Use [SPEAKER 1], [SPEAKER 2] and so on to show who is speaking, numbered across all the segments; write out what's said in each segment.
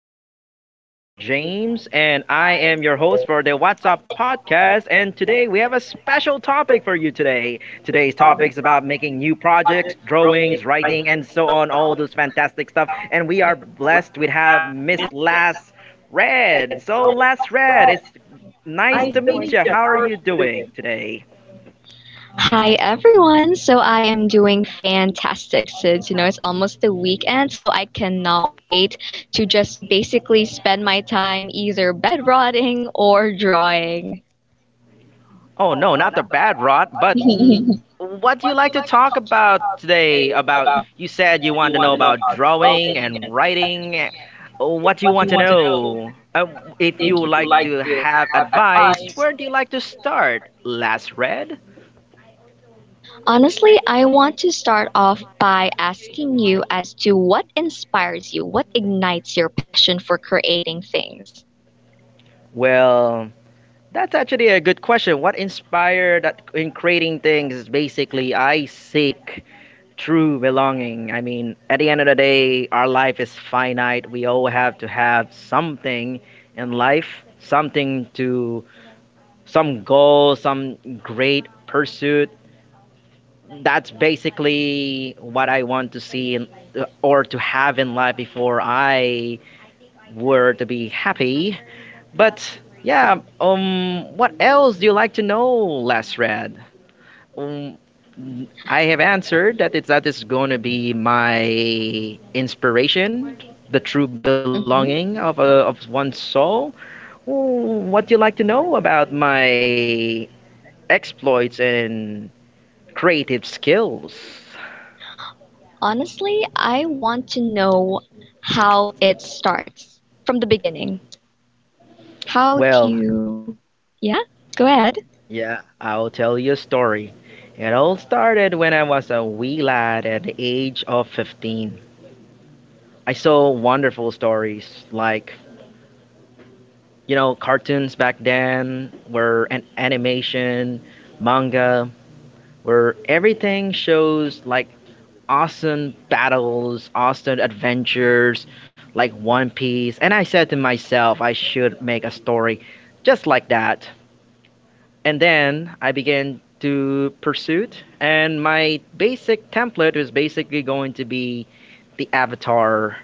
[SPEAKER 1] and folks. My name is James, and I am your host for the WhatsApp podcast. And today we have a special topic for you today. Today's topic is about making new projects, drawings, writing, and so on, all those fantastic stuff. And we are blessed with have Miss Lass Red. So, Lass Red, it's nice to meet you. How are you doing today?
[SPEAKER 2] Hi everyone. I am doing fantastic since you know it's almost the weekend, so I cannot wait to just basically spend my time either bed rotting or drawing.
[SPEAKER 1] Oh no, not the bad rot, but what do you like to talk about today? About you said you wanted to know about drawing and writing. What do you want to know? If you would like to have advice, where do you like to start? Last read?
[SPEAKER 2] Honestly, I want to start off by asking you as to what inspires you, what ignites your passion for creating things.
[SPEAKER 1] Well, that's actually a good question. What inspired that in creating things is basically I seek true belonging. I mean, at the end of the day, our life is finite. We all have to have something in life, something to, some goal, some great pursuit. That's basically what I want to see in, or to have in life before I were to be happy. But yeah, what else do you like to know, Les Red? Um, I have answered that it's that is going to be my inspiration, the true belonging
[SPEAKER 2] Mhm.
[SPEAKER 1] of a, of one's soul. Ooh, what do you like to know about my exploits and creative skills?
[SPEAKER 2] Honestly, I want to know how it starts from the beginning. How do
[SPEAKER 1] Well,
[SPEAKER 2] you? Yeah, go ahead.
[SPEAKER 1] yeah, I'll tell you a story. It all started when I was a wee lad at the age of 15. I saw wonderful stories like, you know, cartoons back then were an animation, manga, where everything shows like awesome battles, awesome adventures, like One Piece. And I said to myself, I should make a story just like that. And then I began to pursue it. And my basic template was basically going to be the Avatar.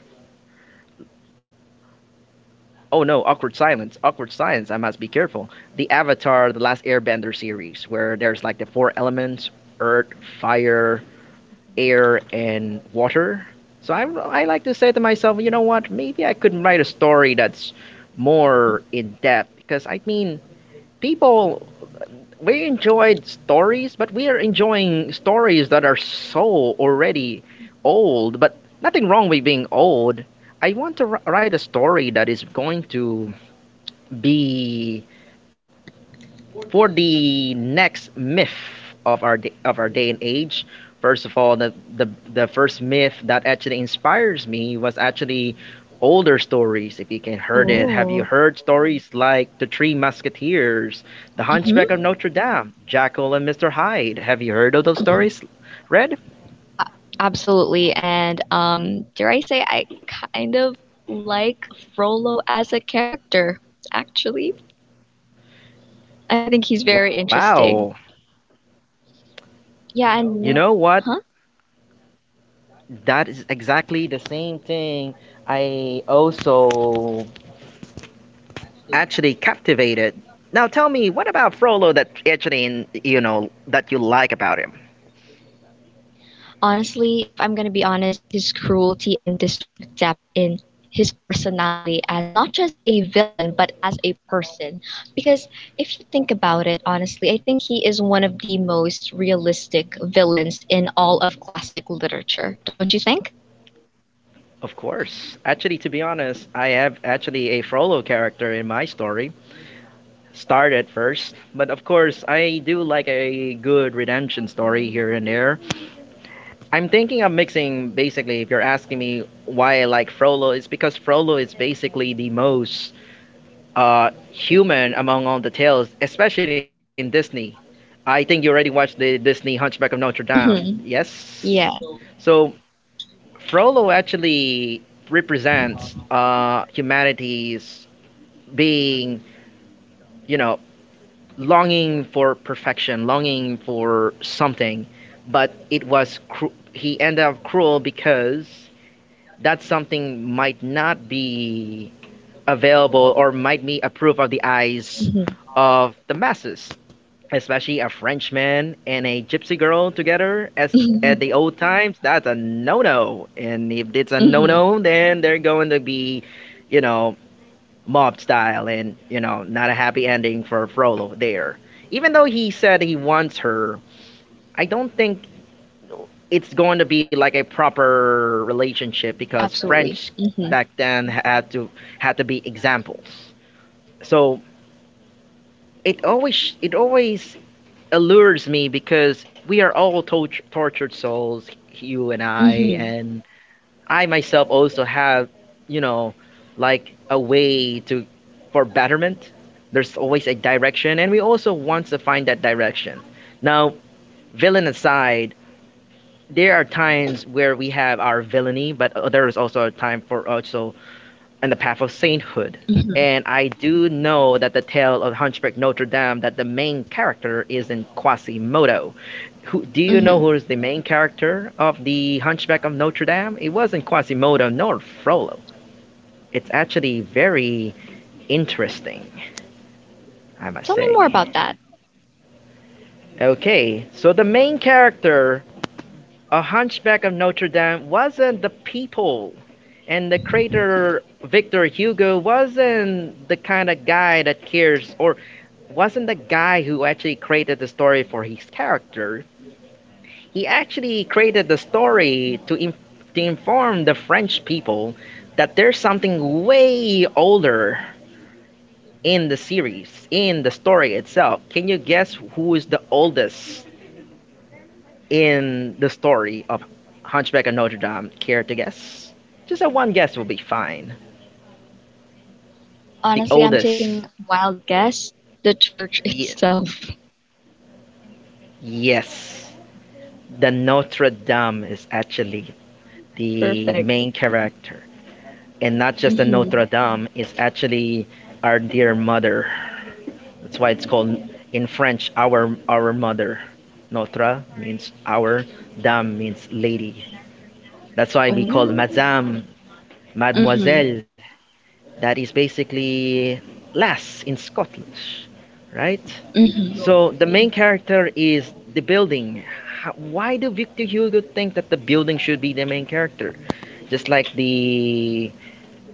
[SPEAKER 1] Oh no, awkward silence. Awkward silence. I must be careful. The Avatar, the Last Airbender series, where there's like the four elements: earth, fire, air and water. So I like to say to myself, you know what? Maybe I could write a story that's more in depth because I mean, people we enjoyed stories, but we are enjoying stories that are so already old. But nothing wrong with being old. I want to write a story that is going to be for the next myth of our day and age. First of all, the first myth that actually inspires me was actually older stories. If you can heard it, have you
[SPEAKER 2] Oh,
[SPEAKER 1] heard stories like the Three Musketeers, the
[SPEAKER 2] mm-hmm.
[SPEAKER 1] Hunchback of Notre Dame, Jackal and Mister Hyde? Have you heard of those stories, Red?
[SPEAKER 2] Uh, absolutely. And dare I say, I kind of like Frollo as a character, actually. I think he's very interesting.
[SPEAKER 1] Wow,
[SPEAKER 2] Yeah, and
[SPEAKER 1] you know what?
[SPEAKER 2] huh?
[SPEAKER 1] That is exactly the same thing. I also actually captivated. Now tell me, what about Frollo that actually, you know, that you like about him?
[SPEAKER 2] Honestly, if I'm going to be honest, his cruelty and this sort of depth in his personality as not just a villain, but as a person. Because if you think about it, honestly, I think he is one of the most realistic villains in all of classic literature. Don't you think?
[SPEAKER 1] Of course. Actually, to be honest, I have actually a Frollo character in my story. Started first, but of course, I do like a good redemption story here and there. I'm thinking of mixing basically, if you're asking me why I like Frollo, it's because Frollo is basically the most human among all the tales, especially in Disney. I think you already watched the Disney Hunchback of Notre Dame.
[SPEAKER 2] Mm-hmm.
[SPEAKER 1] Yes.
[SPEAKER 2] Yeah.
[SPEAKER 1] So Frollo actually represents humanity's being, you know, longing for perfection, longing for something, but it was he ended up cruel because that something might not be available or might be approved of the eyes
[SPEAKER 2] Mm-hmm.
[SPEAKER 1] of the masses, especially a Frenchman and a gypsy girl together as at the old times, that's a no-no. And if it's a
[SPEAKER 2] Mm-hmm.
[SPEAKER 1] no-no, then they're going to be, you know, mob style and, you know, not a happy ending for Frollo there. Even though he said he wants her, I don't think it's going to be like a proper relationship because
[SPEAKER 2] Absolutely.
[SPEAKER 1] French
[SPEAKER 2] Mm-hmm.
[SPEAKER 1] back then had to be examples. So it always allures me because we are all tortured souls, you
[SPEAKER 2] Mm-hmm.
[SPEAKER 1] and I myself also have, you know, like a way to for betterment. There's always a direction, and we also want to find that direction. Now, villain aside, there are times where we have our villainy, but there is also a time for also on the path of sainthood. And I do know that the tale of Hunchback Notre Dame that the main character is in Quasimodo, who, do you know
[SPEAKER 2] Mm-hmm.
[SPEAKER 1] who is the main character of The Hunchback of Notre Dame? It wasn't Quasimodo nor Frollo. It's actually very interesting, I must
[SPEAKER 2] Tell me more
[SPEAKER 1] say.
[SPEAKER 2] about that.
[SPEAKER 1] Okay, so the main character, a Hunchback of Notre Dame, wasn't the people, and the creator Victor Hugo wasn't the kind of guy that cares, or wasn't the guy who actually created the story for his character. He actually created the story to, to inform the French people that there's something way older in the series, in the story itself. Can you guess who is the oldest in the story of Hunchback of Notre Dame? Care to guess? Just a one guess will be fine. The
[SPEAKER 2] Honestly, I'm
[SPEAKER 1] oldest.
[SPEAKER 2] taking a wild guess. The church
[SPEAKER 1] Ye-
[SPEAKER 2] itself.
[SPEAKER 1] yes. The Notre Dame is actually the
[SPEAKER 2] Perfect.
[SPEAKER 1] main character. And not just the Notre Dame, is actually our dear mother. That's why it's called in French our mother. Notre means our, Dame means lady. That's why
[SPEAKER 2] Oh,
[SPEAKER 1] we call
[SPEAKER 2] mm-hmm,
[SPEAKER 1] Madame, Mademoiselle. That is basically lass in Scottish, right? So
[SPEAKER 2] mm-hmm,
[SPEAKER 1] the main character is the building. How, why do Victor Hugo think that the building should be the main character? Just like the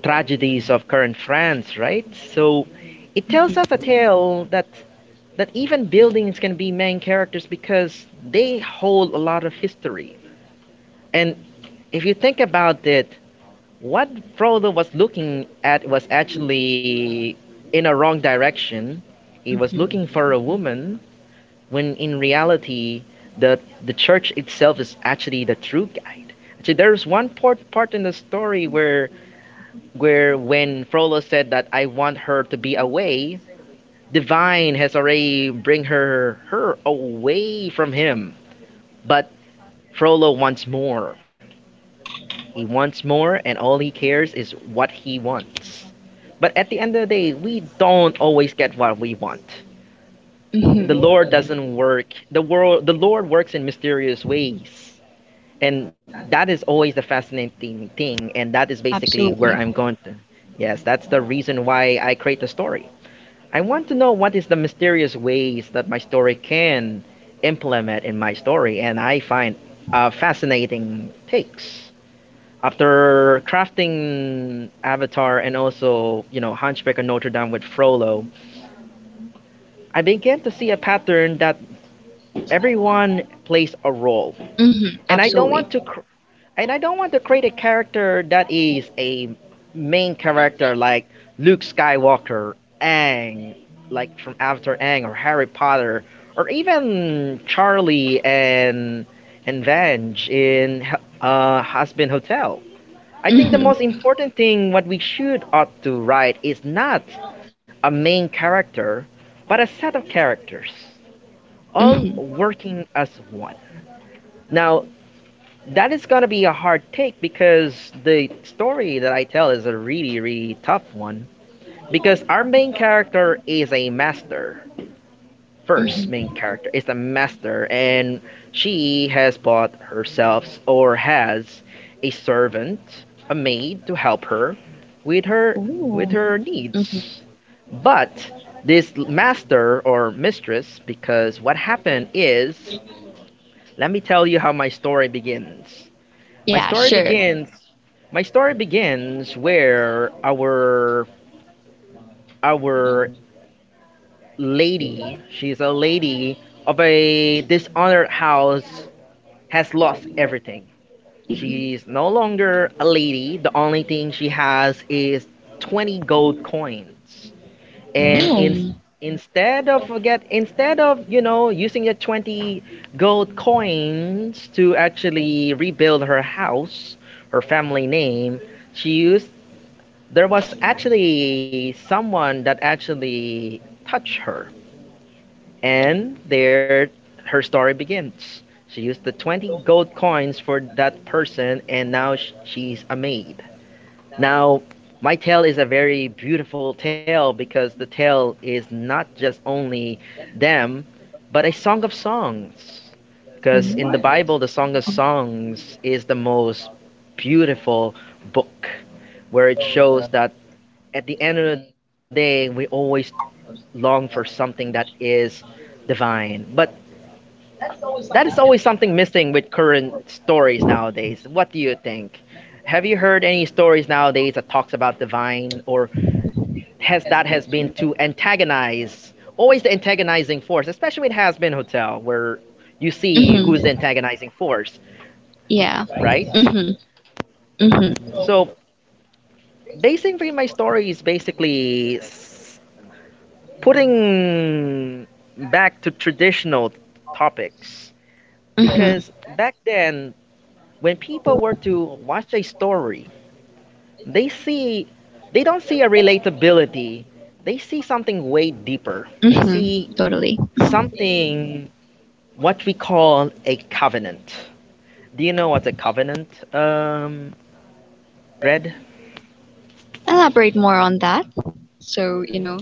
[SPEAKER 1] tragedies of current France, right? So it tells us a
[SPEAKER 2] mm-hmm,
[SPEAKER 1] tale that that even buildings can be main characters because they hold a lot of history. And if you think about it, what Frodo was looking at was actually in a wrong direction. He was looking
[SPEAKER 2] mm-hmm,
[SPEAKER 1] for a woman when in reality the the church itself is actually the true guide. Actually, there's one part in the story where when Frollo said that I want her to be away, Divine has already bring her away from him. But Frollo wants more. He wants more, and all he cares is what he wants. But at the end of the day, we don't always get what we want. The
[SPEAKER 2] mm-hmm.
[SPEAKER 1] Lord doesn't work. The world, the Lord works in mysterious ways, and that is always the fascinating thing. And that is basically where
[SPEAKER 2] Absolutely.
[SPEAKER 1] I'm going to. Yes, that's the reason why I create the story. I want to know what is the mysterious ways that my story can implement in my story, and I find fascinating takes. After crafting Avatar and also, you know, Hunchback of Notre Dame with Frollo, I began to see a pattern that everyone plays a role.
[SPEAKER 2] Mm-hmm,
[SPEAKER 1] And I don't
[SPEAKER 2] absolutely.
[SPEAKER 1] want to cr- And I don't want to create a character that is a main character like Luke Skywalker, Aang, like from After Aang, or Harry Potter, or even Charlie and Vange in Husband Hotel. I think the most
[SPEAKER 2] Mm-hmm,
[SPEAKER 1] important thing what we should ought to write is not a main character, but a set of characters, all
[SPEAKER 2] mm-hmm,
[SPEAKER 1] working as one. Now, that is gonna be a hard take because the story that I tell is a really, really tough one. Because our main character is a master. First main
[SPEAKER 2] mm-hmm.
[SPEAKER 1] character is a master, and she has bought herself or has a servant, a maid to help her with her
[SPEAKER 2] Ooh, mm-hmm.
[SPEAKER 1] needs. But this master or mistress, because what happened is, let me tell you how my story begins. My
[SPEAKER 2] Yeah,
[SPEAKER 1] story
[SPEAKER 2] sure.
[SPEAKER 1] begins. My story begins where our lady, she's a lady of a dishonored house, has lost everything. She's no longer a lady. The only thing she has is 20 gold coins. And in,
[SPEAKER 2] Ooh,
[SPEAKER 1] instead of, you know, using the 20 gold coins to actually rebuild her house, her family name, she used there was actually someone that actually touched her, and there her story begins. She used the 20 gold coins for that person, and now she's a maid. Now, my tale is a very beautiful tale because the tale is not just only them, but a song of songs.
[SPEAKER 2] ooh,
[SPEAKER 1] Because in the Bible, the Song of
[SPEAKER 2] mhm.
[SPEAKER 1] Songs is the most beautiful book where it shows that at the end of the day, we always long for something that is divine. But that is always something missing with current stories nowadays. What do you think? Have you heard any stories nowadays that talks about divine or has that has been to antagonize? Always the antagonizing force, especially with Has Been Hotel, where you see who's the
[SPEAKER 2] Mm-hmm.
[SPEAKER 1] antagonizing force,
[SPEAKER 2] Yeah.
[SPEAKER 1] right?
[SPEAKER 2] Mm-hmm. Mm-hmm.
[SPEAKER 1] So basically, my story is basically putting back to traditional topics,
[SPEAKER 2] Mm-hmm.
[SPEAKER 1] because back then when people were to watch a story, they see they don't see a relatability. They see something way deeper. They see
[SPEAKER 2] Mm-hmm. Totally.
[SPEAKER 1] something what we call a covenant. Do you know what's a covenant, Red?
[SPEAKER 2] Elaborate more on that. So, you know.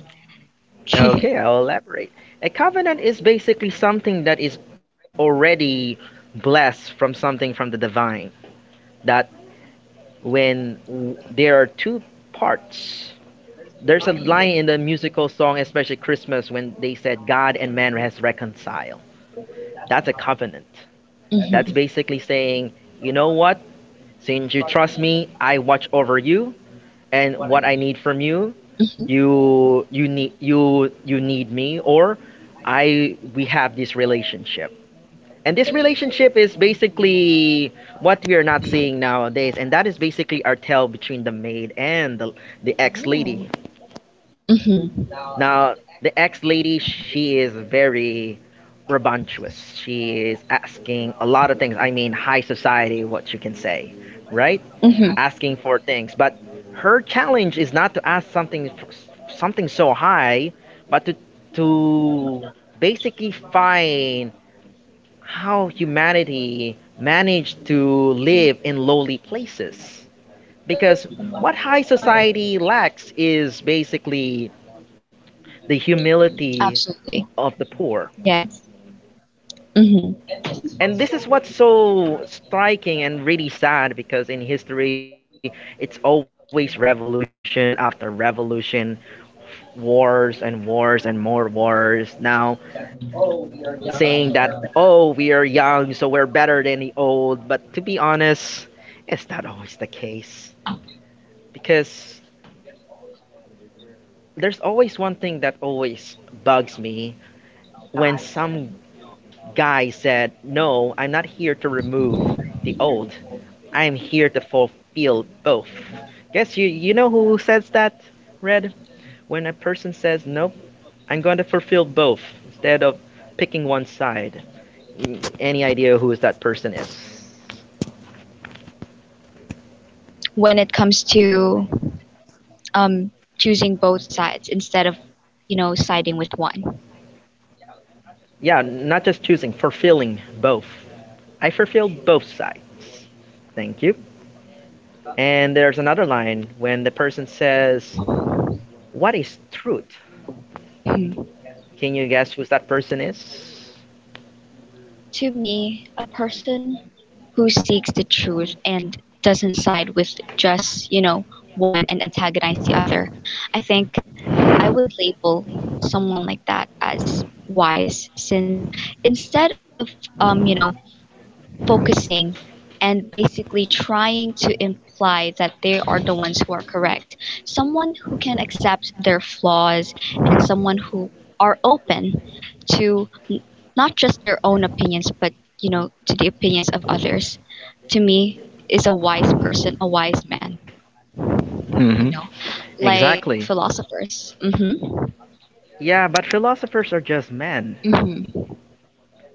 [SPEAKER 1] Okay, I'll elaborate. A covenant is basically something that is already blessed from something from the divine, that when there are two parts. There's a line in the musical song, especially Christmas, when they said God and man has reconciled. That's a covenant. That's
[SPEAKER 2] Mhm.
[SPEAKER 1] basically saying, you know what? Since you trust me, I watch over you, and what I need from you,
[SPEAKER 2] Mhm.
[SPEAKER 1] you need me, or I, we have this relationship. And this relationship is basically what we are not seeing nowadays, and that is basically our tale between the maid and the ex lady.
[SPEAKER 2] Oh. Mhm.
[SPEAKER 1] Now, the ex lady, she is very rambunctious. She is asking a lot of things. I mean, high society, what you can say, right?
[SPEAKER 2] Mhm.
[SPEAKER 1] Asking for things, but her challenge is not to ask something so high, but to basically find how humanity managed to live in lowly places. Because what high society lacks is basically the humility
[SPEAKER 2] Absolutely.
[SPEAKER 1] of the poor.
[SPEAKER 2] Yes. Mhm.
[SPEAKER 1] And this is what's so striking and really sad, because in history, it's always revolution after revolution, wars and wars and more wars. Now, saying that, oh, we are young, so we're better than the old. But to be honest, it's not always the case, because there's always one thing that always bugs me when some guy said, "No, I'm not here to remove the old. I'm here to fulfill both." Guess you know who says that, Red? When a person says, "Nope, I'm going to fulfill both," instead of picking one side. Any idea who is that person is?
[SPEAKER 2] When it comes to um, choosing both sides instead of, you know, siding with one.
[SPEAKER 1] Yeah, not just choosing, fulfilling both. I fulfill both sides. Thank you. And there's another line when the person says, what is truth?
[SPEAKER 2] Hmm.
[SPEAKER 1] Can you guess who that person is?
[SPEAKER 2] To me, a person who seeks the truth and doesn't side with just, you know, one and antagonize the other, I think I would label someone like that as wise since instead of you know focusing and basically trying to imply that they are the ones who are correct, someone who can accept their flaws and someone who are open to not just their own opinions but you know to the opinions of others, to me, is a wise person, a wise man, you
[SPEAKER 1] Mm-hmm.
[SPEAKER 2] know, like
[SPEAKER 1] Exactly.
[SPEAKER 2] philosophers. Mhm.
[SPEAKER 1] Yeah, but philosophers are just men.
[SPEAKER 2] Mhm.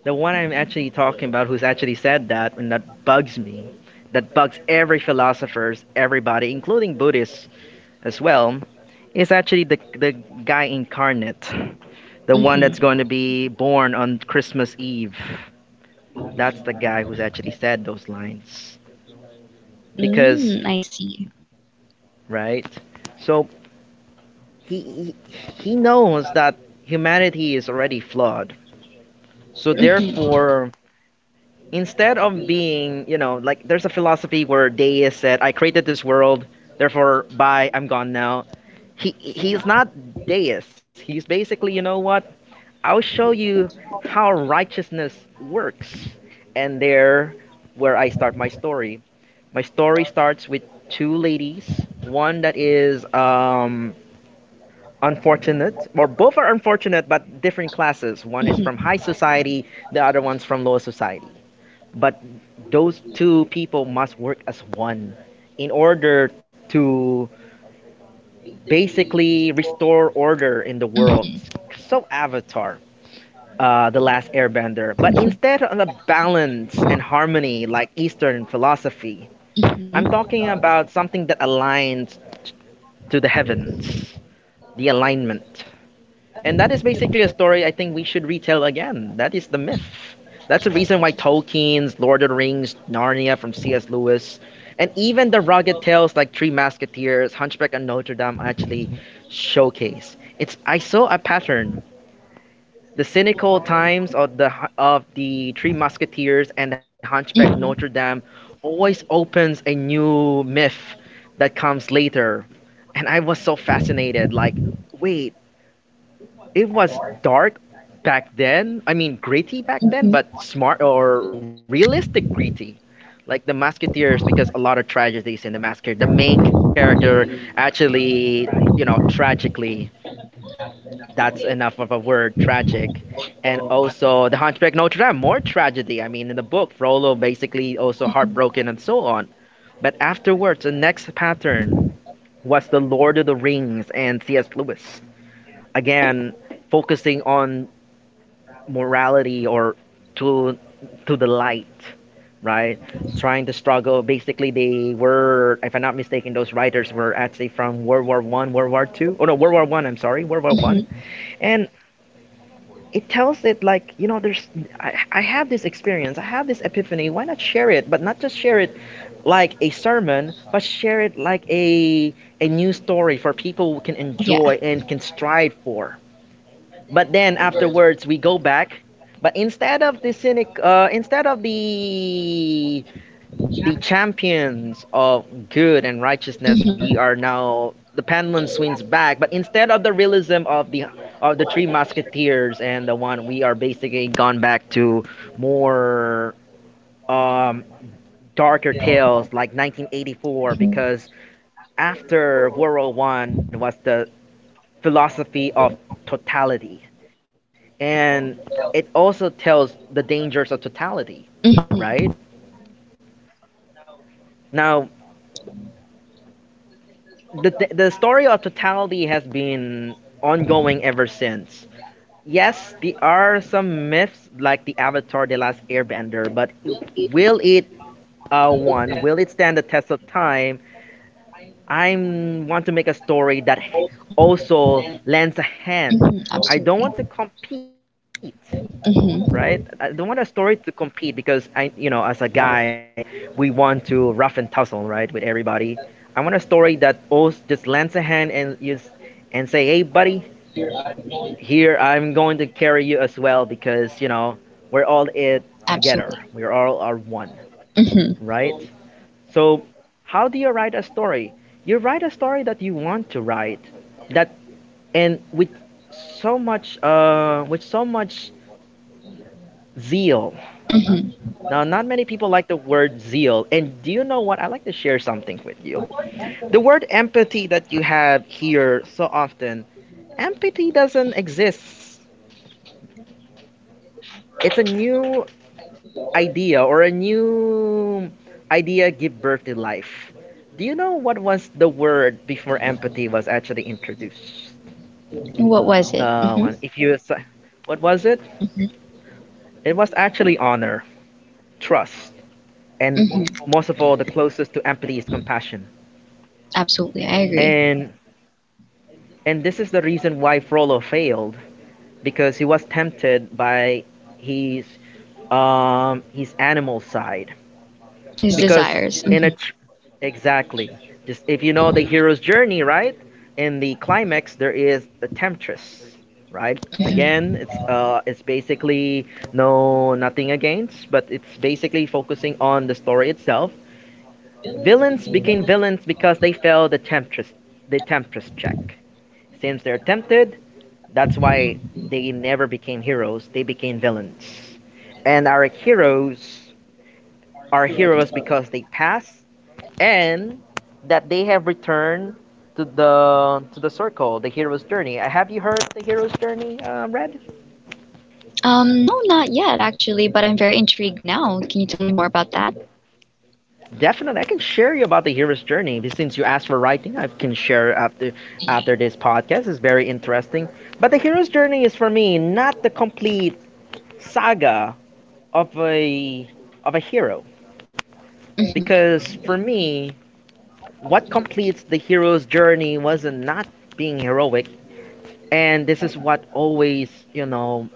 [SPEAKER 1] The one I'm actually talking about who's actually said that, and that bugs me, that bugs every philosophers, everybody, including Buddhists as well, is actually the guy incarnate. The one that's
[SPEAKER 2] Mhm.
[SPEAKER 1] going to be born on Christmas Eve. That's the guy who's actually said those lines. Because,
[SPEAKER 2] Mm, I see.
[SPEAKER 1] right? So he, knows that humanity is already flawed. So
[SPEAKER 2] Mhm,
[SPEAKER 1] therefore, instead of being, you know, like there's a philosophy where Deus said, "I created this world, therefore, bye, I'm gone now." He's not Deus. He's basically, you know what? I'll show you how righteousness works, and there, where I start my story. My story starts with two ladies. One that is unfortunate, or both are unfortunate, but different classes. One is from high
[SPEAKER 2] mhm,
[SPEAKER 1] society, the other one's from low society. But those two people must work as one in order to basically restore order in the world.
[SPEAKER 2] mhm,
[SPEAKER 1] So, Avatar, The Last Airbender. But instead of a balance and harmony like Eastern philosophy,
[SPEAKER 2] mhm,
[SPEAKER 1] I'm talking about something that aligns to the heavens, the alignment. And that is basically a story I think we should retell again. That is the myth. That's the reason why Tolkien's Lord of the Rings, Narnia from C.S. Lewis, and even the rugged tales like Three Musketeers, Hunchback of Notre Dame actually showcase. It's I saw a pattern. The cynical times of the Three Musketeers and the Hunchback Notre
[SPEAKER 2] mhm,
[SPEAKER 1] Dame always opens a new myth that comes later, and I was so fascinated. Like, wait, it was dark back then. I mean, gritty back
[SPEAKER 2] mhm,
[SPEAKER 1] then, but smart or realistic gritty. Like the Musketeers, because a lot of tragedies in the Musketeer. The main character actually, you know, tragically, that's enough of a word, tragic. And also the Hunchback of Notre Dame, more tragedy. I mean, in the book, Frollo basically also heartbroken and so on. But afterwards, the next pattern was the Lord of the Rings and C.S. Lewis. Again, focusing on morality or to to the light, right? Trying to struggle. Basically, they were, if I'm not mistaken, those writers were actually from World War One, World War Two. Oh no, World War One. I'm sorry, World War One.
[SPEAKER 2] mhm.
[SPEAKER 1] And it tells it like, you know, there's. I have this experience. I have this epiphany. Why not share it? But not just share it like a sermon, but share it like a new story for people who can
[SPEAKER 2] Yeah.
[SPEAKER 1] enjoy and can strive for, but then afterwards we go back. But instead of the cynic, instead of the champions of good and righteousness,
[SPEAKER 2] Mhm,
[SPEAKER 1] we are now the pendulum swings back. But instead of the realism of the three musketeers and the one, we are basically gone back to more um, darker tales like 1984,
[SPEAKER 2] mhm,
[SPEAKER 1] because after World War One was the philosophy of totality, and it also tells the dangers of totality,
[SPEAKER 2] mhm,
[SPEAKER 1] right? Now, the, the story of totality has been ongoing ever since. Yes, there are some myths like the Avatar the Last Airbender, but will it, one will it stand the test of time? I want to make a story that also lends a
[SPEAKER 2] mhm.
[SPEAKER 1] hand.
[SPEAKER 2] Absolutely.
[SPEAKER 1] I don't want to compete,
[SPEAKER 2] Mhm,
[SPEAKER 1] right? I don't want a story to compete, because I, you know, as a guy, we want to rough and tussle, right, with everybody. I want a story that also just lends a hand and just and say, hey, buddy, here I'm going to carry you as well, because you know we're all it
[SPEAKER 2] absolutely.
[SPEAKER 1] together. We all are one,
[SPEAKER 2] Mhm,
[SPEAKER 1] right? So, how do you write a story? You write a story that you want to write, that and with so much zeal.
[SPEAKER 2] mhm.
[SPEAKER 1] Now, not many people like the word zeal. And do you know what? I like to share something with you. The word empathy that you have here so often, empathy doesn't exist. It's a new idea or a new idea give birth to life. Do you know what was the word before empathy was actually introduced?
[SPEAKER 2] What was it? Mhm,
[SPEAKER 1] If what was it?
[SPEAKER 2] mhm,
[SPEAKER 1] It was actually honor, trust, and
[SPEAKER 2] mhm.
[SPEAKER 1] most of all, the closest to empathy is compassion.
[SPEAKER 2] Absolutely, I agree.
[SPEAKER 1] And And this is the reason why Frollo failed, because he was tempted by his his animal side.
[SPEAKER 2] His
[SPEAKER 1] Because
[SPEAKER 2] desires.
[SPEAKER 1] in a
[SPEAKER 2] Mhm.
[SPEAKER 1] exactly, just if you know the hero's journey, right? In the climax, there is the temptress, right? Again, it's basically no, nothing against, but it's basically focusing on the story itself. Villains became villains because they failed the temptress check. Since they're tempted, that's why they never became heroes, they became villains. And our heroes are heroes because they passed and that they have returned to the circle, the hero's journey. Have you heard of the hero's journey, Red?
[SPEAKER 2] No, not yet actually, but I'm very intrigued now. Can you tell me more about that?
[SPEAKER 1] Definitely, I can share you about the hero's journey. But since you asked for writing, I can share after after
[SPEAKER 2] Yeah.
[SPEAKER 1] this podcast. It's very interesting. But the hero's journey is for me not the complete saga of a of a hero.
[SPEAKER 2] Mhm,
[SPEAKER 1] Because for me, what completes the hero's journey wasn't not being heroic, and this is what always, you know,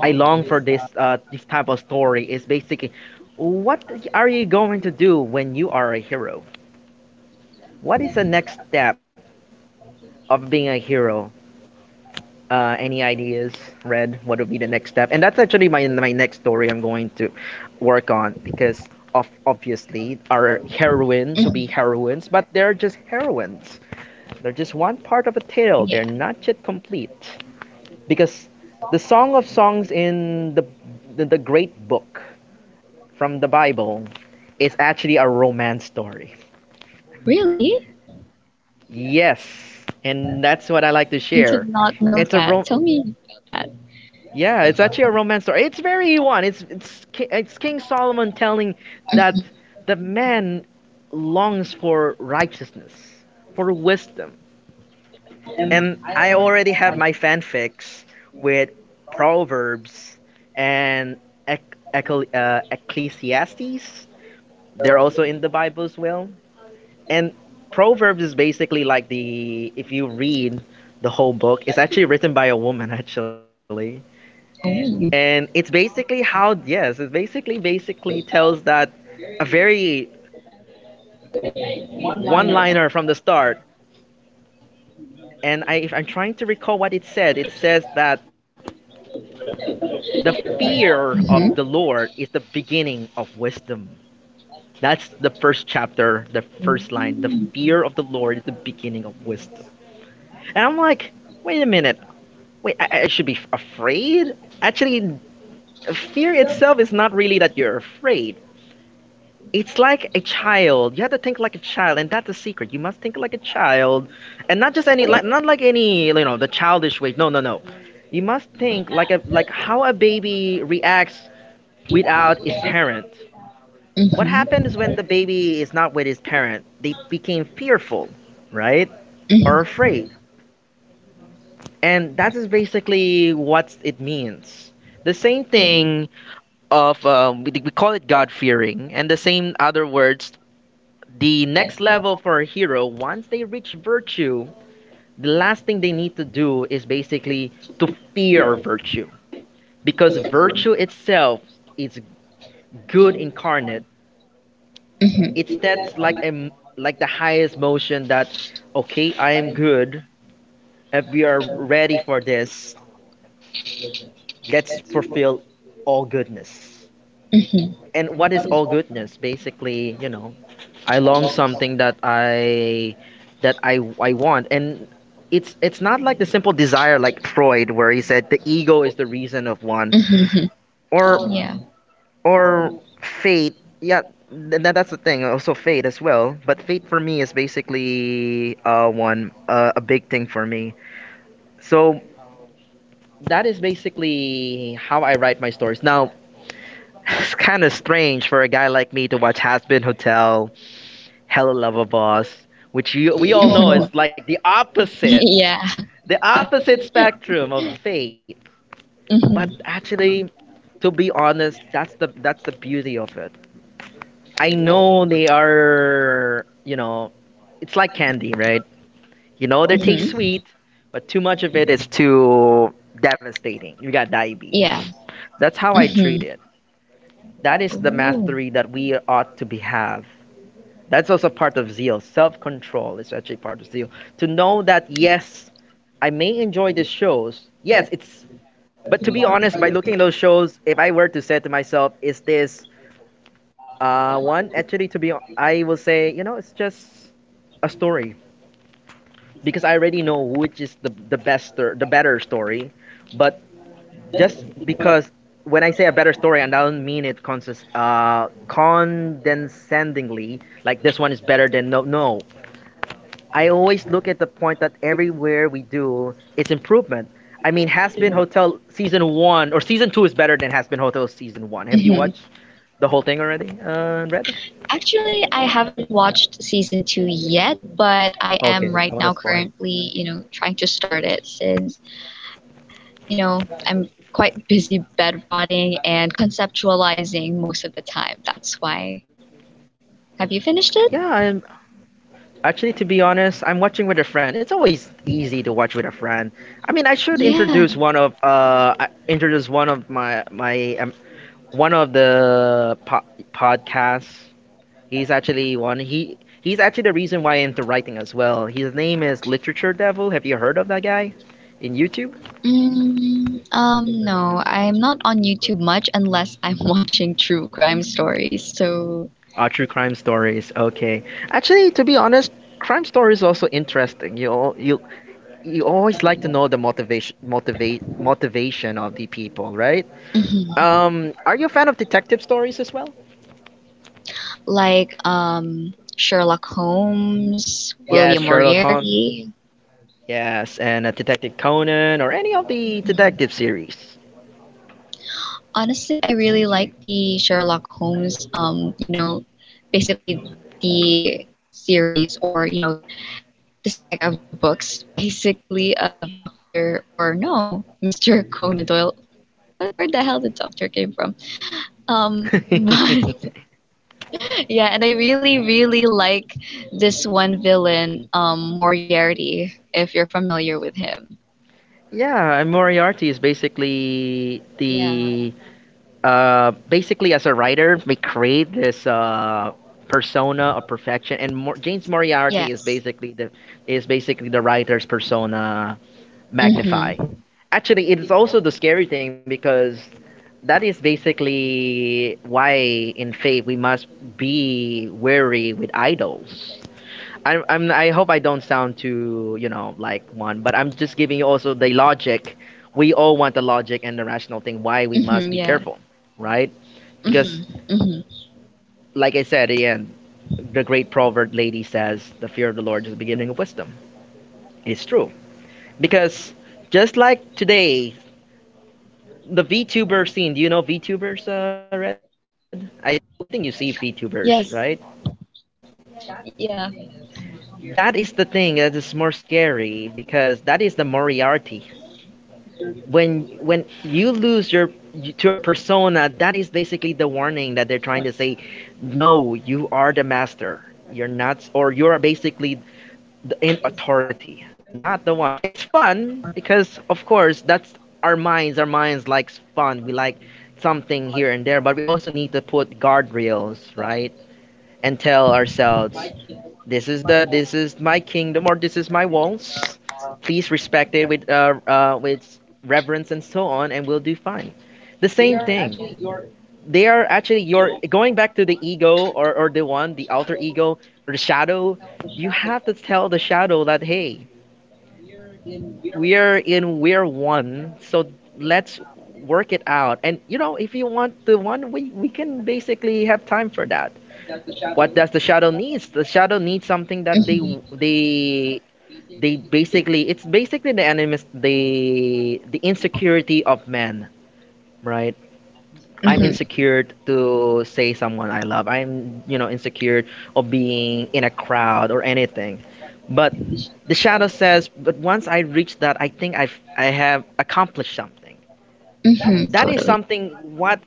[SPEAKER 1] I long for this type of story is basically, what are you going to do when you are a hero? What is the next step of being a hero? Any ideas, Red? What would be the next step? And that's actually my next story I'm going to work on, because of obviously our heroines will be
[SPEAKER 2] mhm.
[SPEAKER 1] heroines, but they're just heroines. They're just one part of a tale. They're
[SPEAKER 2] Yeah.
[SPEAKER 1] not yet complete, because the Song of Songs in the the Great Book from the Bible is actually a romance story.
[SPEAKER 2] Really?
[SPEAKER 1] Yes, and that's what I like to
[SPEAKER 2] I did
[SPEAKER 1] share.
[SPEAKER 2] not know
[SPEAKER 1] It's a
[SPEAKER 2] that.
[SPEAKER 1] rom-
[SPEAKER 2] Tell me about
[SPEAKER 1] yeah, it's actually a romance story. It's very one. It's King Solomon telling that the man longs for righteousness, for wisdom. And I already have my fanfics with Proverbs and Ecclesiastes. They're also in the Bible as well. And Proverbs is basically like the, if you read the whole book, it's actually written by a woman, actually. And it's basically how, yes, it's basically, basically tells that a very one liner from the start. And I, if I'm trying to recall what it said, it says that the fear of the Lord is the beginning of wisdom. That's the first chapter, the first line. The fear of the Lord is the beginning of wisdom. And I'm like, wait a minute. Wait, I should be afraid? Actually, fear itself is not really that you're afraid. It's like a child. You have to think like a child, and that's the secret. You must think like a child, and not just any, like, not like any, you know, the childish way. No, no, no. You must think like a like how a baby reacts without his parent. What
[SPEAKER 2] that.
[SPEAKER 1] happens when the baby is not with his parent? They became fearful, right? Or afraid. And that is basically what it means. The same thing of we call it God fearing, and the same other words. The next level for a hero, once they reach virtue, the last thing they need to do is basically to fear virtue because virtue itself is good incarnate. It's that's like a, like the highest motion that, okay, I am good. If we are ready for this, let's fulfill all goodness. And what is all goodness? Basically, you know, I long something that I want, and it's not like the simple desire like Freud where he said the ego is the reason of one,
[SPEAKER 2] Mhm.
[SPEAKER 1] or
[SPEAKER 2] Yeah.
[SPEAKER 1] or fate, yeah. That's the thing, also fate as well, but fate for me is basically one, a big thing for me. So that is basically how I write my stories now. It's kind of strange for a guy like me to watch Has Been Hotel, Hello Lover Boss, which we all know is like the opposite,
[SPEAKER 2] Yeah.
[SPEAKER 1] the opposite spectrum of fate. But
[SPEAKER 2] Mhm.
[SPEAKER 1] actually, to be honest, that's the beauty of it. I know they are, you know, it's like candy, right? You know they taste
[SPEAKER 2] Mhm.
[SPEAKER 1] sweet, but too much of it is too devastating. You got
[SPEAKER 2] Yeah.
[SPEAKER 1] diabetes. That's how I treat
[SPEAKER 2] Mhm.
[SPEAKER 1] it. That is the
[SPEAKER 2] Ooh.
[SPEAKER 1] mastery that we ought to be have. That's also part of zeal. Self-control is actually part of zeal. To know that, yes, I may enjoy the shows. Yes, it's, but to be honest, by looking at those shows, if I were to say to myself, is this one, actually, to be I will say, you know, it's just a story, because I already know which is the best or the better story. But just because, when I say a better story, and I don't mean it consist condescendingly, like this one is better than, no. No, I always look at the point that everywhere we do, it's improvement. I mean, Has Been Hotel season one, or season two is better than Has Been Hotel season one. Have you
[SPEAKER 2] Mhm.
[SPEAKER 1] watched the whole thing already, Red?
[SPEAKER 2] Actually, I haven't watched season two yet, but I am
[SPEAKER 1] Okay,
[SPEAKER 2] right
[SPEAKER 1] I
[SPEAKER 2] now
[SPEAKER 1] want to spoil.
[SPEAKER 2] currently, you know, trying to start it since, you know, I'm quite busy bed rotting and conceptualizing most of the time. That's why. Have you finished it?
[SPEAKER 1] Yeah, I actually, to be honest, I'm watching with a friend. It's always easy to watch with a friend. I mean, I should
[SPEAKER 2] Yeah.
[SPEAKER 1] introduce one of introduce one of my one of the podcasts. He's actually one. He's actually the reason why I'm into writing as well. His name is Literature Devil. Have you heard of that guy? In YouTube?
[SPEAKER 2] Mm, no, I'm not on YouTube much unless I'm watching true crime stories. So,
[SPEAKER 1] Ah, true crime stories. Okay. Actually, to be honest, crime stories also interesting. You you always like to know the motivation of the people, right?
[SPEAKER 2] mhm.
[SPEAKER 1] Are you a fan of detective stories as well?
[SPEAKER 2] Like Sherlock Holmes,
[SPEAKER 1] Yes,
[SPEAKER 2] William
[SPEAKER 1] Sherlock Holmes.
[SPEAKER 2] Moriarty.
[SPEAKER 1] Yes, and Detective Conan or any of the detective series.
[SPEAKER 2] Honestly, I really like the Sherlock Holmes you know, basically the series or, you know, the saga of the books, basically of Dr. or no, Mr. Conan Doyle. Where the hell did Doctor came from? But yeah, and I really, really like this one villain, Moriarty, if you're familiar with him.
[SPEAKER 1] Yeah, and Moriarty is basically
[SPEAKER 2] Yeah.
[SPEAKER 1] the, basically as a writer, we create this persona of perfection, and James Moriarty is
[SPEAKER 2] Yes.
[SPEAKER 1] basically the writer's persona magnified.
[SPEAKER 2] Mm-hmm.
[SPEAKER 1] Actually, it is also the scary thing, because that is basically why in faith we must be wary with idols. I hope I don't sound too, you know, like one, but I'm just giving you also the logic. We all want the logic and the rational thing why we must
[SPEAKER 2] Mm-hmm.
[SPEAKER 1] be
[SPEAKER 2] Yeah.
[SPEAKER 1] careful, right? Because,
[SPEAKER 2] Mm-hmm. Mm-hmm.
[SPEAKER 1] like I said, again, the great proverb lady says, the fear of the Lord is the beginning of wisdom. It's true. Because just like today, the VTuber scene, do you know VTubers, Red? I think you see VTubers, right?
[SPEAKER 2] Yes.
[SPEAKER 1] That
[SPEAKER 2] Yeah.
[SPEAKER 1] is the thing that is more scary because that is the Moriarty. When you lose your, to your persona, that is basically the warning that they're trying to say. No, you are the master. You're not, or you are basically the, in authority, not the one. It's fun because of course that's our minds. Our minds likes fun. We like something here and there, but we also need to put guardrails, right? And tell ourselves, this is the, this is my kingdom, or this is my walls. Please respect it with reverence and so on, and we'll do fine. The same thing. They are actually, you're going back to the ego, or the one, the alter ego or the shadow. You have to tell the shadow that, hey, we are in, we're one, so let's work it out. And you know, if you want the one, we can basically have time for that. What does the shadow needs? The shadow needs something that they they basically, it's basically the animus, the insecurity of men, right? I'm insecure to say someone I love. I'm, you know, insecure of being in a crowd or anything. But the shadow says, but once I reach that, I think I have accomplished something,
[SPEAKER 2] Mm-hmm.
[SPEAKER 1] that is
[SPEAKER 2] Totally.
[SPEAKER 1] something, what,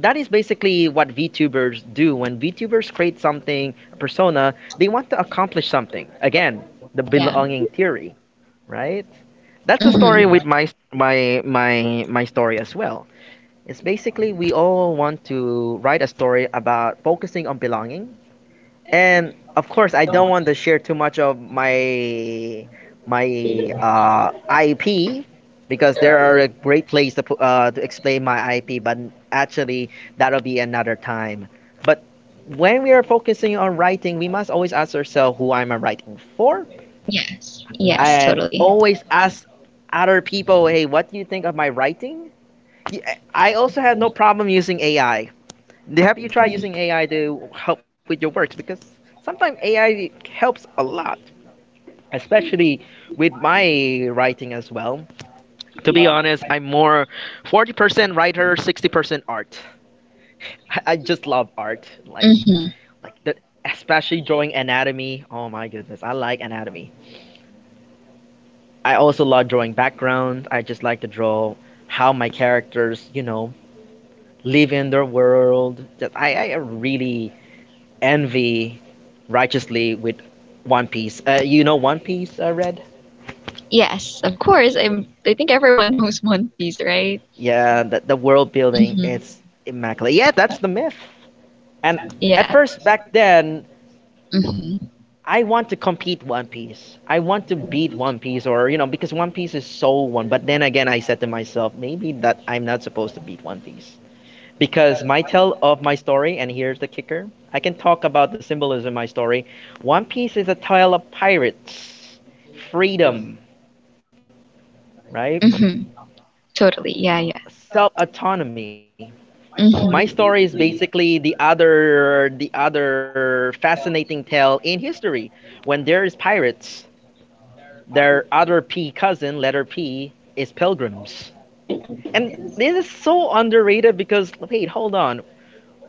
[SPEAKER 1] that is basically what VTubers do. When VTubers create something, a persona, they want to accomplish something. Again, the
[SPEAKER 2] Yeah.
[SPEAKER 1] belonging theory, right? That's a story
[SPEAKER 2] Mm-hmm.
[SPEAKER 1] with my story as well. It's basically we all want to write a story about focusing on belonging. And of course, I don't want to share too much of my IP, because there are a great place to to explain my IP. But actually, that'll be another time. But when we are focusing on writing, we must always ask ourselves, who am I writing for,
[SPEAKER 2] Yes. Yes,
[SPEAKER 1] and
[SPEAKER 2] totally.
[SPEAKER 1] always ask other people, hey, what do you think of my writing? Y- I also have no problem using AI. Have you tried using AI to help with your works? Because sometimes AI helps a lot, especially with my writing as well. To be honest, I'm more 40% writer, 60% art. I just love art,
[SPEAKER 2] Mm.
[SPEAKER 1] like the especially drawing anatomy. Oh my goodness, I like anatomy. I also love drawing background. I just like to draw how my characters, you know, live in their world. Just I really envy righteously with One Piece. You know One Piece, Red?
[SPEAKER 2] Yes, of course. I'm, I think everyone knows One Piece, right?
[SPEAKER 1] Yeah, the world building
[SPEAKER 2] Mhm.
[SPEAKER 1] is immaculate. Yeah, that's the myth. And at
[SPEAKER 2] Yeah.
[SPEAKER 1] first, back then,
[SPEAKER 2] Mm-hmm.
[SPEAKER 1] I want to compete One Piece. I want to beat One Piece, or, you know, because One Piece is so one. But then again, I said to myself, maybe that I'm not supposed to beat One Piece. Because my tell of my story, and here's the kicker, I can talk about the symbolism in my story. One Piece is a tale of pirates, freedom, right?
[SPEAKER 2] Mm-hmm. Totally. Yeah. Yeah.
[SPEAKER 1] Self autonomy. My
[SPEAKER 2] Mm-hmm.
[SPEAKER 1] story is basically the other fascinating tale in history. When there is pirates, their other P cousin, letter P, is pilgrims. And this is so underrated because, wait, hold on.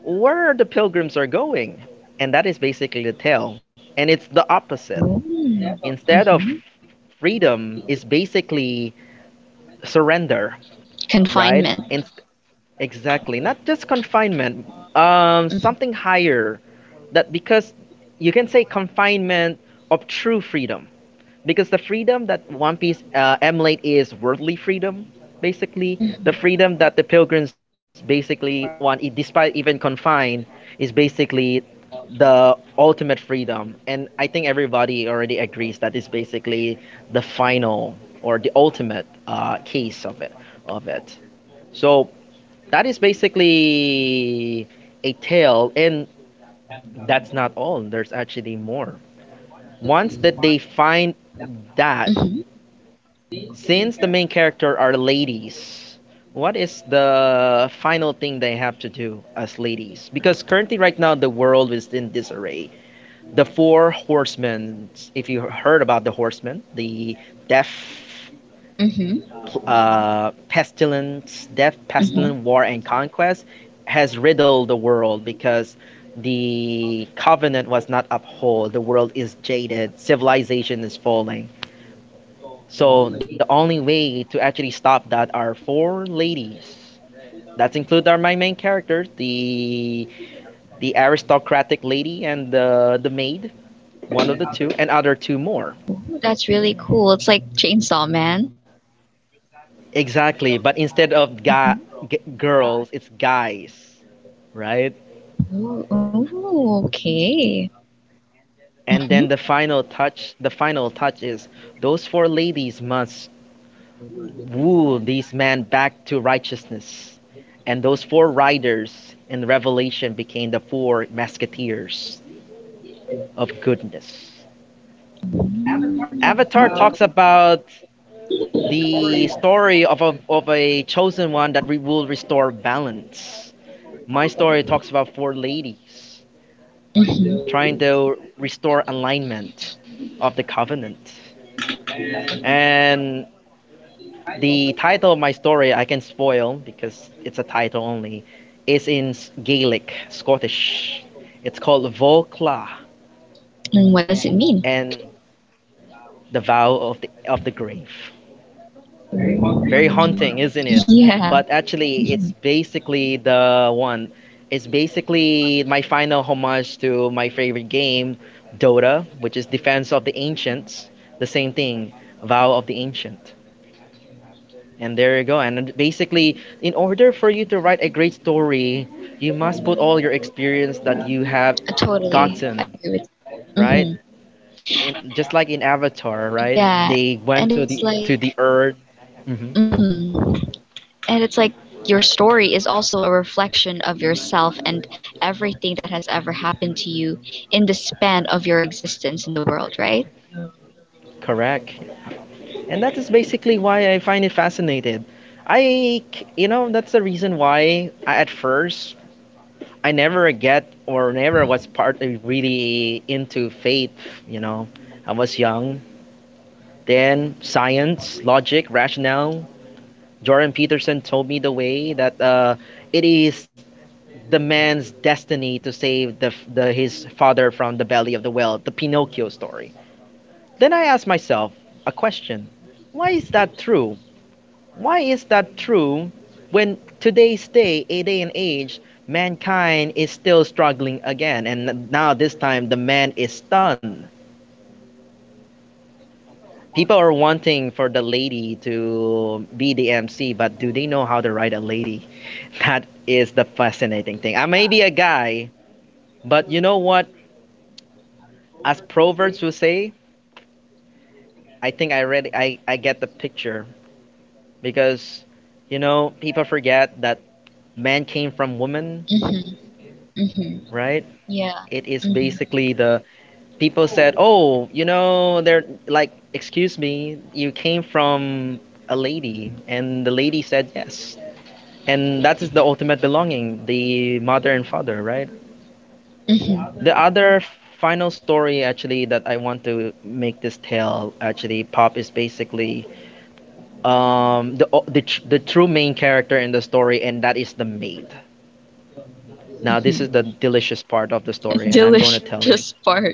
[SPEAKER 1] Where the pilgrims are going? And that is basically the tale. And it's the opposite. Instead of
[SPEAKER 2] Mm-hmm.
[SPEAKER 1] freedom, is basically surrender, right?
[SPEAKER 2] Confinement.
[SPEAKER 1] Exactly. Not just confinement, something higher. That, because you can say confinement of true freedom. Because the freedom that One Piece emulate is worldly freedom, basically. The
[SPEAKER 2] Mhm.
[SPEAKER 1] freedom that the pilgrims basically want, despite even confined, is basically the ultimate freedom. And I think everybody already agrees that is basically the final, or the ultimate, case of it. Of it. So that is basically a tale, and that's not all. There's actually more. Once that they find that,
[SPEAKER 2] Mhm.
[SPEAKER 1] since the main character are ladies, what is the final thing they have to do as ladies? Because currently, right now, the world is in disarray. The four horsemen, if you heard about the horsemen, the deaf,
[SPEAKER 2] Mhm. Mhm.
[SPEAKER 1] pestilence, war, and conquest has riddled the world because the covenant was not upheld. The world is jaded. Civilization is falling. So the only way to actually stop that are four ladies. That's include are my main characters, the aristocratic lady and the maid, one of the two, and other two more.
[SPEAKER 2] Ooh, that's really cool. It's like Chainsaw Man.
[SPEAKER 1] Exactly, but instead of
[SPEAKER 2] Mhm.
[SPEAKER 1] girls, it's guys, right?
[SPEAKER 2] Ooh, ooh, okay.
[SPEAKER 1] And
[SPEAKER 2] Mhm.
[SPEAKER 1] then the final touch is those four ladies must woo these men back to righteousness, and those four riders in revelation became the four musketeers of goodness. Avatar talks about the story of of a chosen one that we will restore balance. My story talks about four ladies trying to restore alignment of the covenant. And the title of my story I can spoil because it's a title only. Is in Gaelic, Scottish. It's called Volkla,
[SPEAKER 2] And what does it mean?
[SPEAKER 1] and the Vow of the Grave. Very haunting, isn't it?
[SPEAKER 2] Yeah.
[SPEAKER 1] But actually, it's
[SPEAKER 2] Mhm.
[SPEAKER 1] basically the one. It's basically my final homage to my favorite game, Dota, which is Defense of the Ancients. The same thing, Vow of the Ancient. And there you go. And basically, in order for you to write a great story, you must put all your experience that you have
[SPEAKER 2] Totally.
[SPEAKER 1] gotten,
[SPEAKER 2] I agree with that.
[SPEAKER 1] right?
[SPEAKER 2] Mhm.
[SPEAKER 1] In, just like in Avatar, right?
[SPEAKER 2] Yeah.
[SPEAKER 1] They went
[SPEAKER 2] And
[SPEAKER 1] to
[SPEAKER 2] it's
[SPEAKER 1] the
[SPEAKER 2] like,
[SPEAKER 1] to the Earth. hmm
[SPEAKER 2] mhm. And it's like your story is also a reflection of yourself and everything that has ever happened to you in the span of your existence in the world, right?
[SPEAKER 1] Correct. And that is basically why I find it fascinated. I, c- you know, That's the reason why I, at first I never get or never was partly really into faith. You know, I was young. Then science, logic, rationale, Jordan Peterson told me the way that it is the man's destiny to save the his father from the belly of the whale, the Pinocchio story. Then I asked myself a question: why is that true? Why is that true when today's day, a day and age, mankind is still struggling again, and now this time the man is stunned. People are wanting for the lady to be the MC, but do they know how to write a lady? That is the fascinating thing. I may be a guy, but you know what? As proverbs will say, I think I get the picture because you know people forget that man came from woman,
[SPEAKER 2] Mhm. Mhm.
[SPEAKER 1] right?
[SPEAKER 2] Yeah.
[SPEAKER 1] It is
[SPEAKER 2] Mhm.
[SPEAKER 1] basically the people said, "Oh, you know, they're like, excuse me, you came from a lady." And the lady said, "Yes." And that is the ultimate belonging, the mother and father, right?
[SPEAKER 2] Mhm.
[SPEAKER 1] The other final story actually that I want to make this tale actually pop is basically um the the the true main character in the story, and that is the maid. Now this
[SPEAKER 2] Mhm.
[SPEAKER 1] is the delicious part of the story, and I'm going to
[SPEAKER 2] Delicious
[SPEAKER 1] tell you.
[SPEAKER 2] part.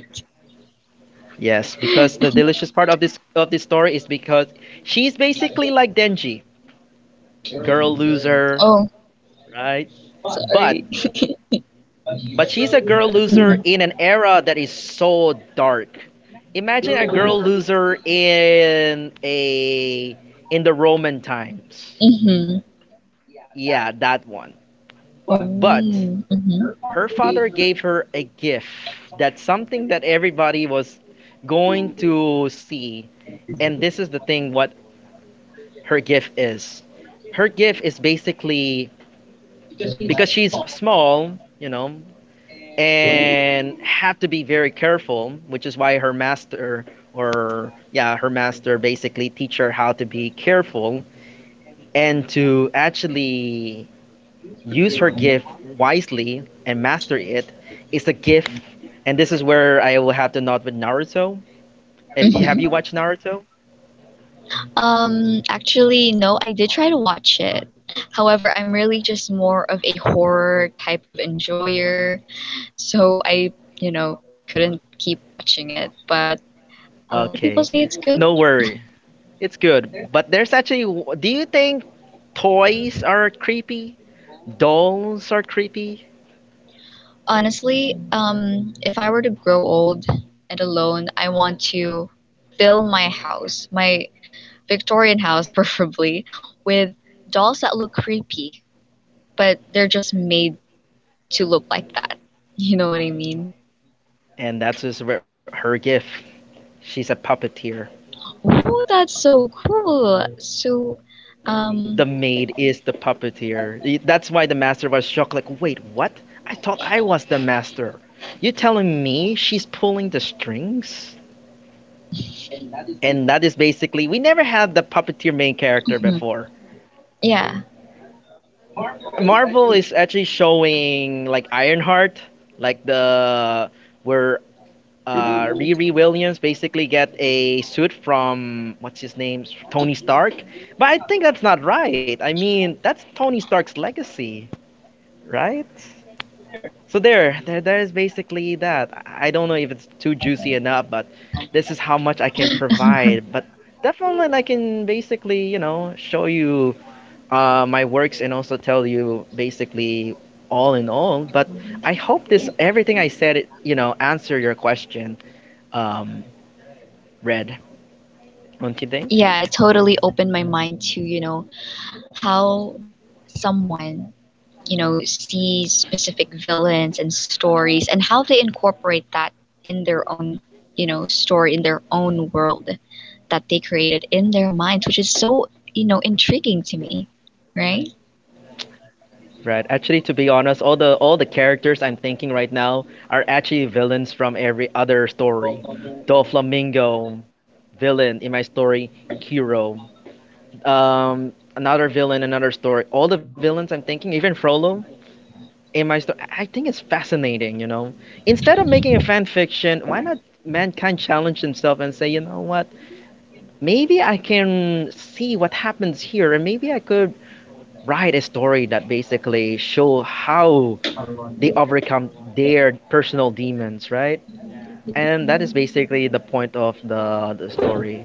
[SPEAKER 1] Yes, because the delicious part of this story is because she's basically like Denji, girl loser,
[SPEAKER 2] Oh,
[SPEAKER 1] right?
[SPEAKER 2] sorry.
[SPEAKER 1] But But she's a girl loser in an era that is so dark. Imagine a girl loser in a in the Roman times.
[SPEAKER 2] Mhm. Mhm.
[SPEAKER 1] Yeah, that one.
[SPEAKER 2] Oh.
[SPEAKER 1] But
[SPEAKER 2] Mhm.
[SPEAKER 1] her father gave her a gift, that's something that everybody was going to see. And this is the thing what her gift is. Her gift is basically because she's small, you know, and had to be very careful, which is why her master or yeah, her master basically teach her how to be careful and to actually use her gift wisely and master it. It is a gift, and this is where I will have to nod with Naruto. If you have
[SPEAKER 2] Mhm.
[SPEAKER 1] you watched Naruto?
[SPEAKER 2] Actually, no, I did try to watch it. However, I'm really just more of a horror type of enjoyer, so you know, couldn't keep watching it. But a lot of people
[SPEAKER 1] Okay.
[SPEAKER 2] say it's good.
[SPEAKER 1] No worry. It's good. But there's actually, do you think toys are creepy? Dolls are creepy?
[SPEAKER 2] Honestly, if I were to grow old and alone, I want to fill my house, my Victorian house preferably, with dolls that look creepy, but they're just made to look like that. You know what I mean?
[SPEAKER 1] And that's just where- her gift. She's a puppeteer.
[SPEAKER 2] Oh, that's so cool. So,
[SPEAKER 1] The
[SPEAKER 2] um,
[SPEAKER 1] maid is the puppeteer. That's why the master was shocked. Like, wait, what? I thought I was the master. You telling me she's pulling the strings? And that is basically we never had the puppeteer main character
[SPEAKER 2] mhm.
[SPEAKER 1] before.
[SPEAKER 2] Yeah,
[SPEAKER 1] Marvel is actually showing like Ironheart, like the where Riri Williams basically get a suit from what's his name, Tony Stark. But I think that's not right. I mean, that's Tony Stark's legacy, right? So there is basically that. I don't know if it's too juicy enough, but this is how much I can provide. But definitely, like, I can basically, you know, show you my works and also tell you basically all in all. But I hope this everything I said, it, you know, answer your question, um, Red. Don't you think?
[SPEAKER 2] yeah, it totally opened my mind to, you know, how someone, you know, sees specific villains and stories and how they incorporate that in their own, you know, story, in their own world that they created in their minds, which is so, you know, intriguing to me, right?
[SPEAKER 1] Right. Actually, to be honest, all the characters I'm thinking right now are actually villains from every other story. Doflamingo, villain in my story, Kiro. Another villain, another story. All the villains I'm thinking, even Frollo in my story. I think it's fascinating, you know. Instead of making a fan fiction, why not mankind challenge himself and say, you know what? Maybe I can see what happens here, and maybe I could write a story that basically show how they overcome their personal demons, right? And that is basically the point of the story.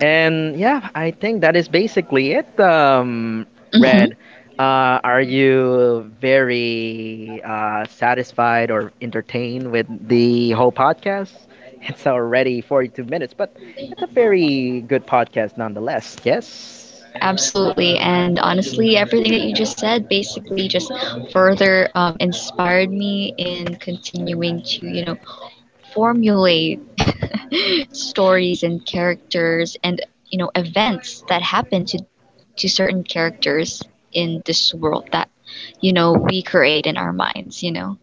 [SPEAKER 1] And yeah, I think that is basically it.
[SPEAKER 2] Mm-hmm.
[SPEAKER 1] Red, are you very satisfied or entertained with the whole podcast? It's already 42 minutes, but it's a very good podcast nonetheless. Yes.
[SPEAKER 2] Absolutely. And honestly, everything that you just said basically just further inspired me in continuing to, you know, formulate stories and characters and, you know, events that happen to certain characters in this world that, you know, we create in our minds, you know.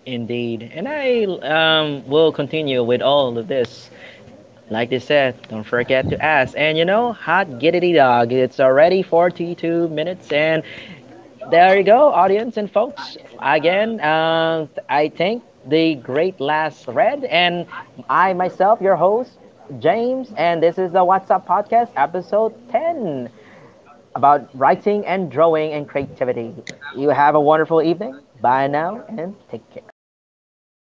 [SPEAKER 1] Indeed. And I will continue with all of this. Like they said, don't forget to ask. And you know, hot giggity dog. It's already 42 minutes, and there you go, audience and folks. Again, I think the great last thread, and I myself, your host, James, and this is the What's Up Podcast, episode 10, about writing and drawing and creativity. You have a wonderful evening. Bye now, and take care.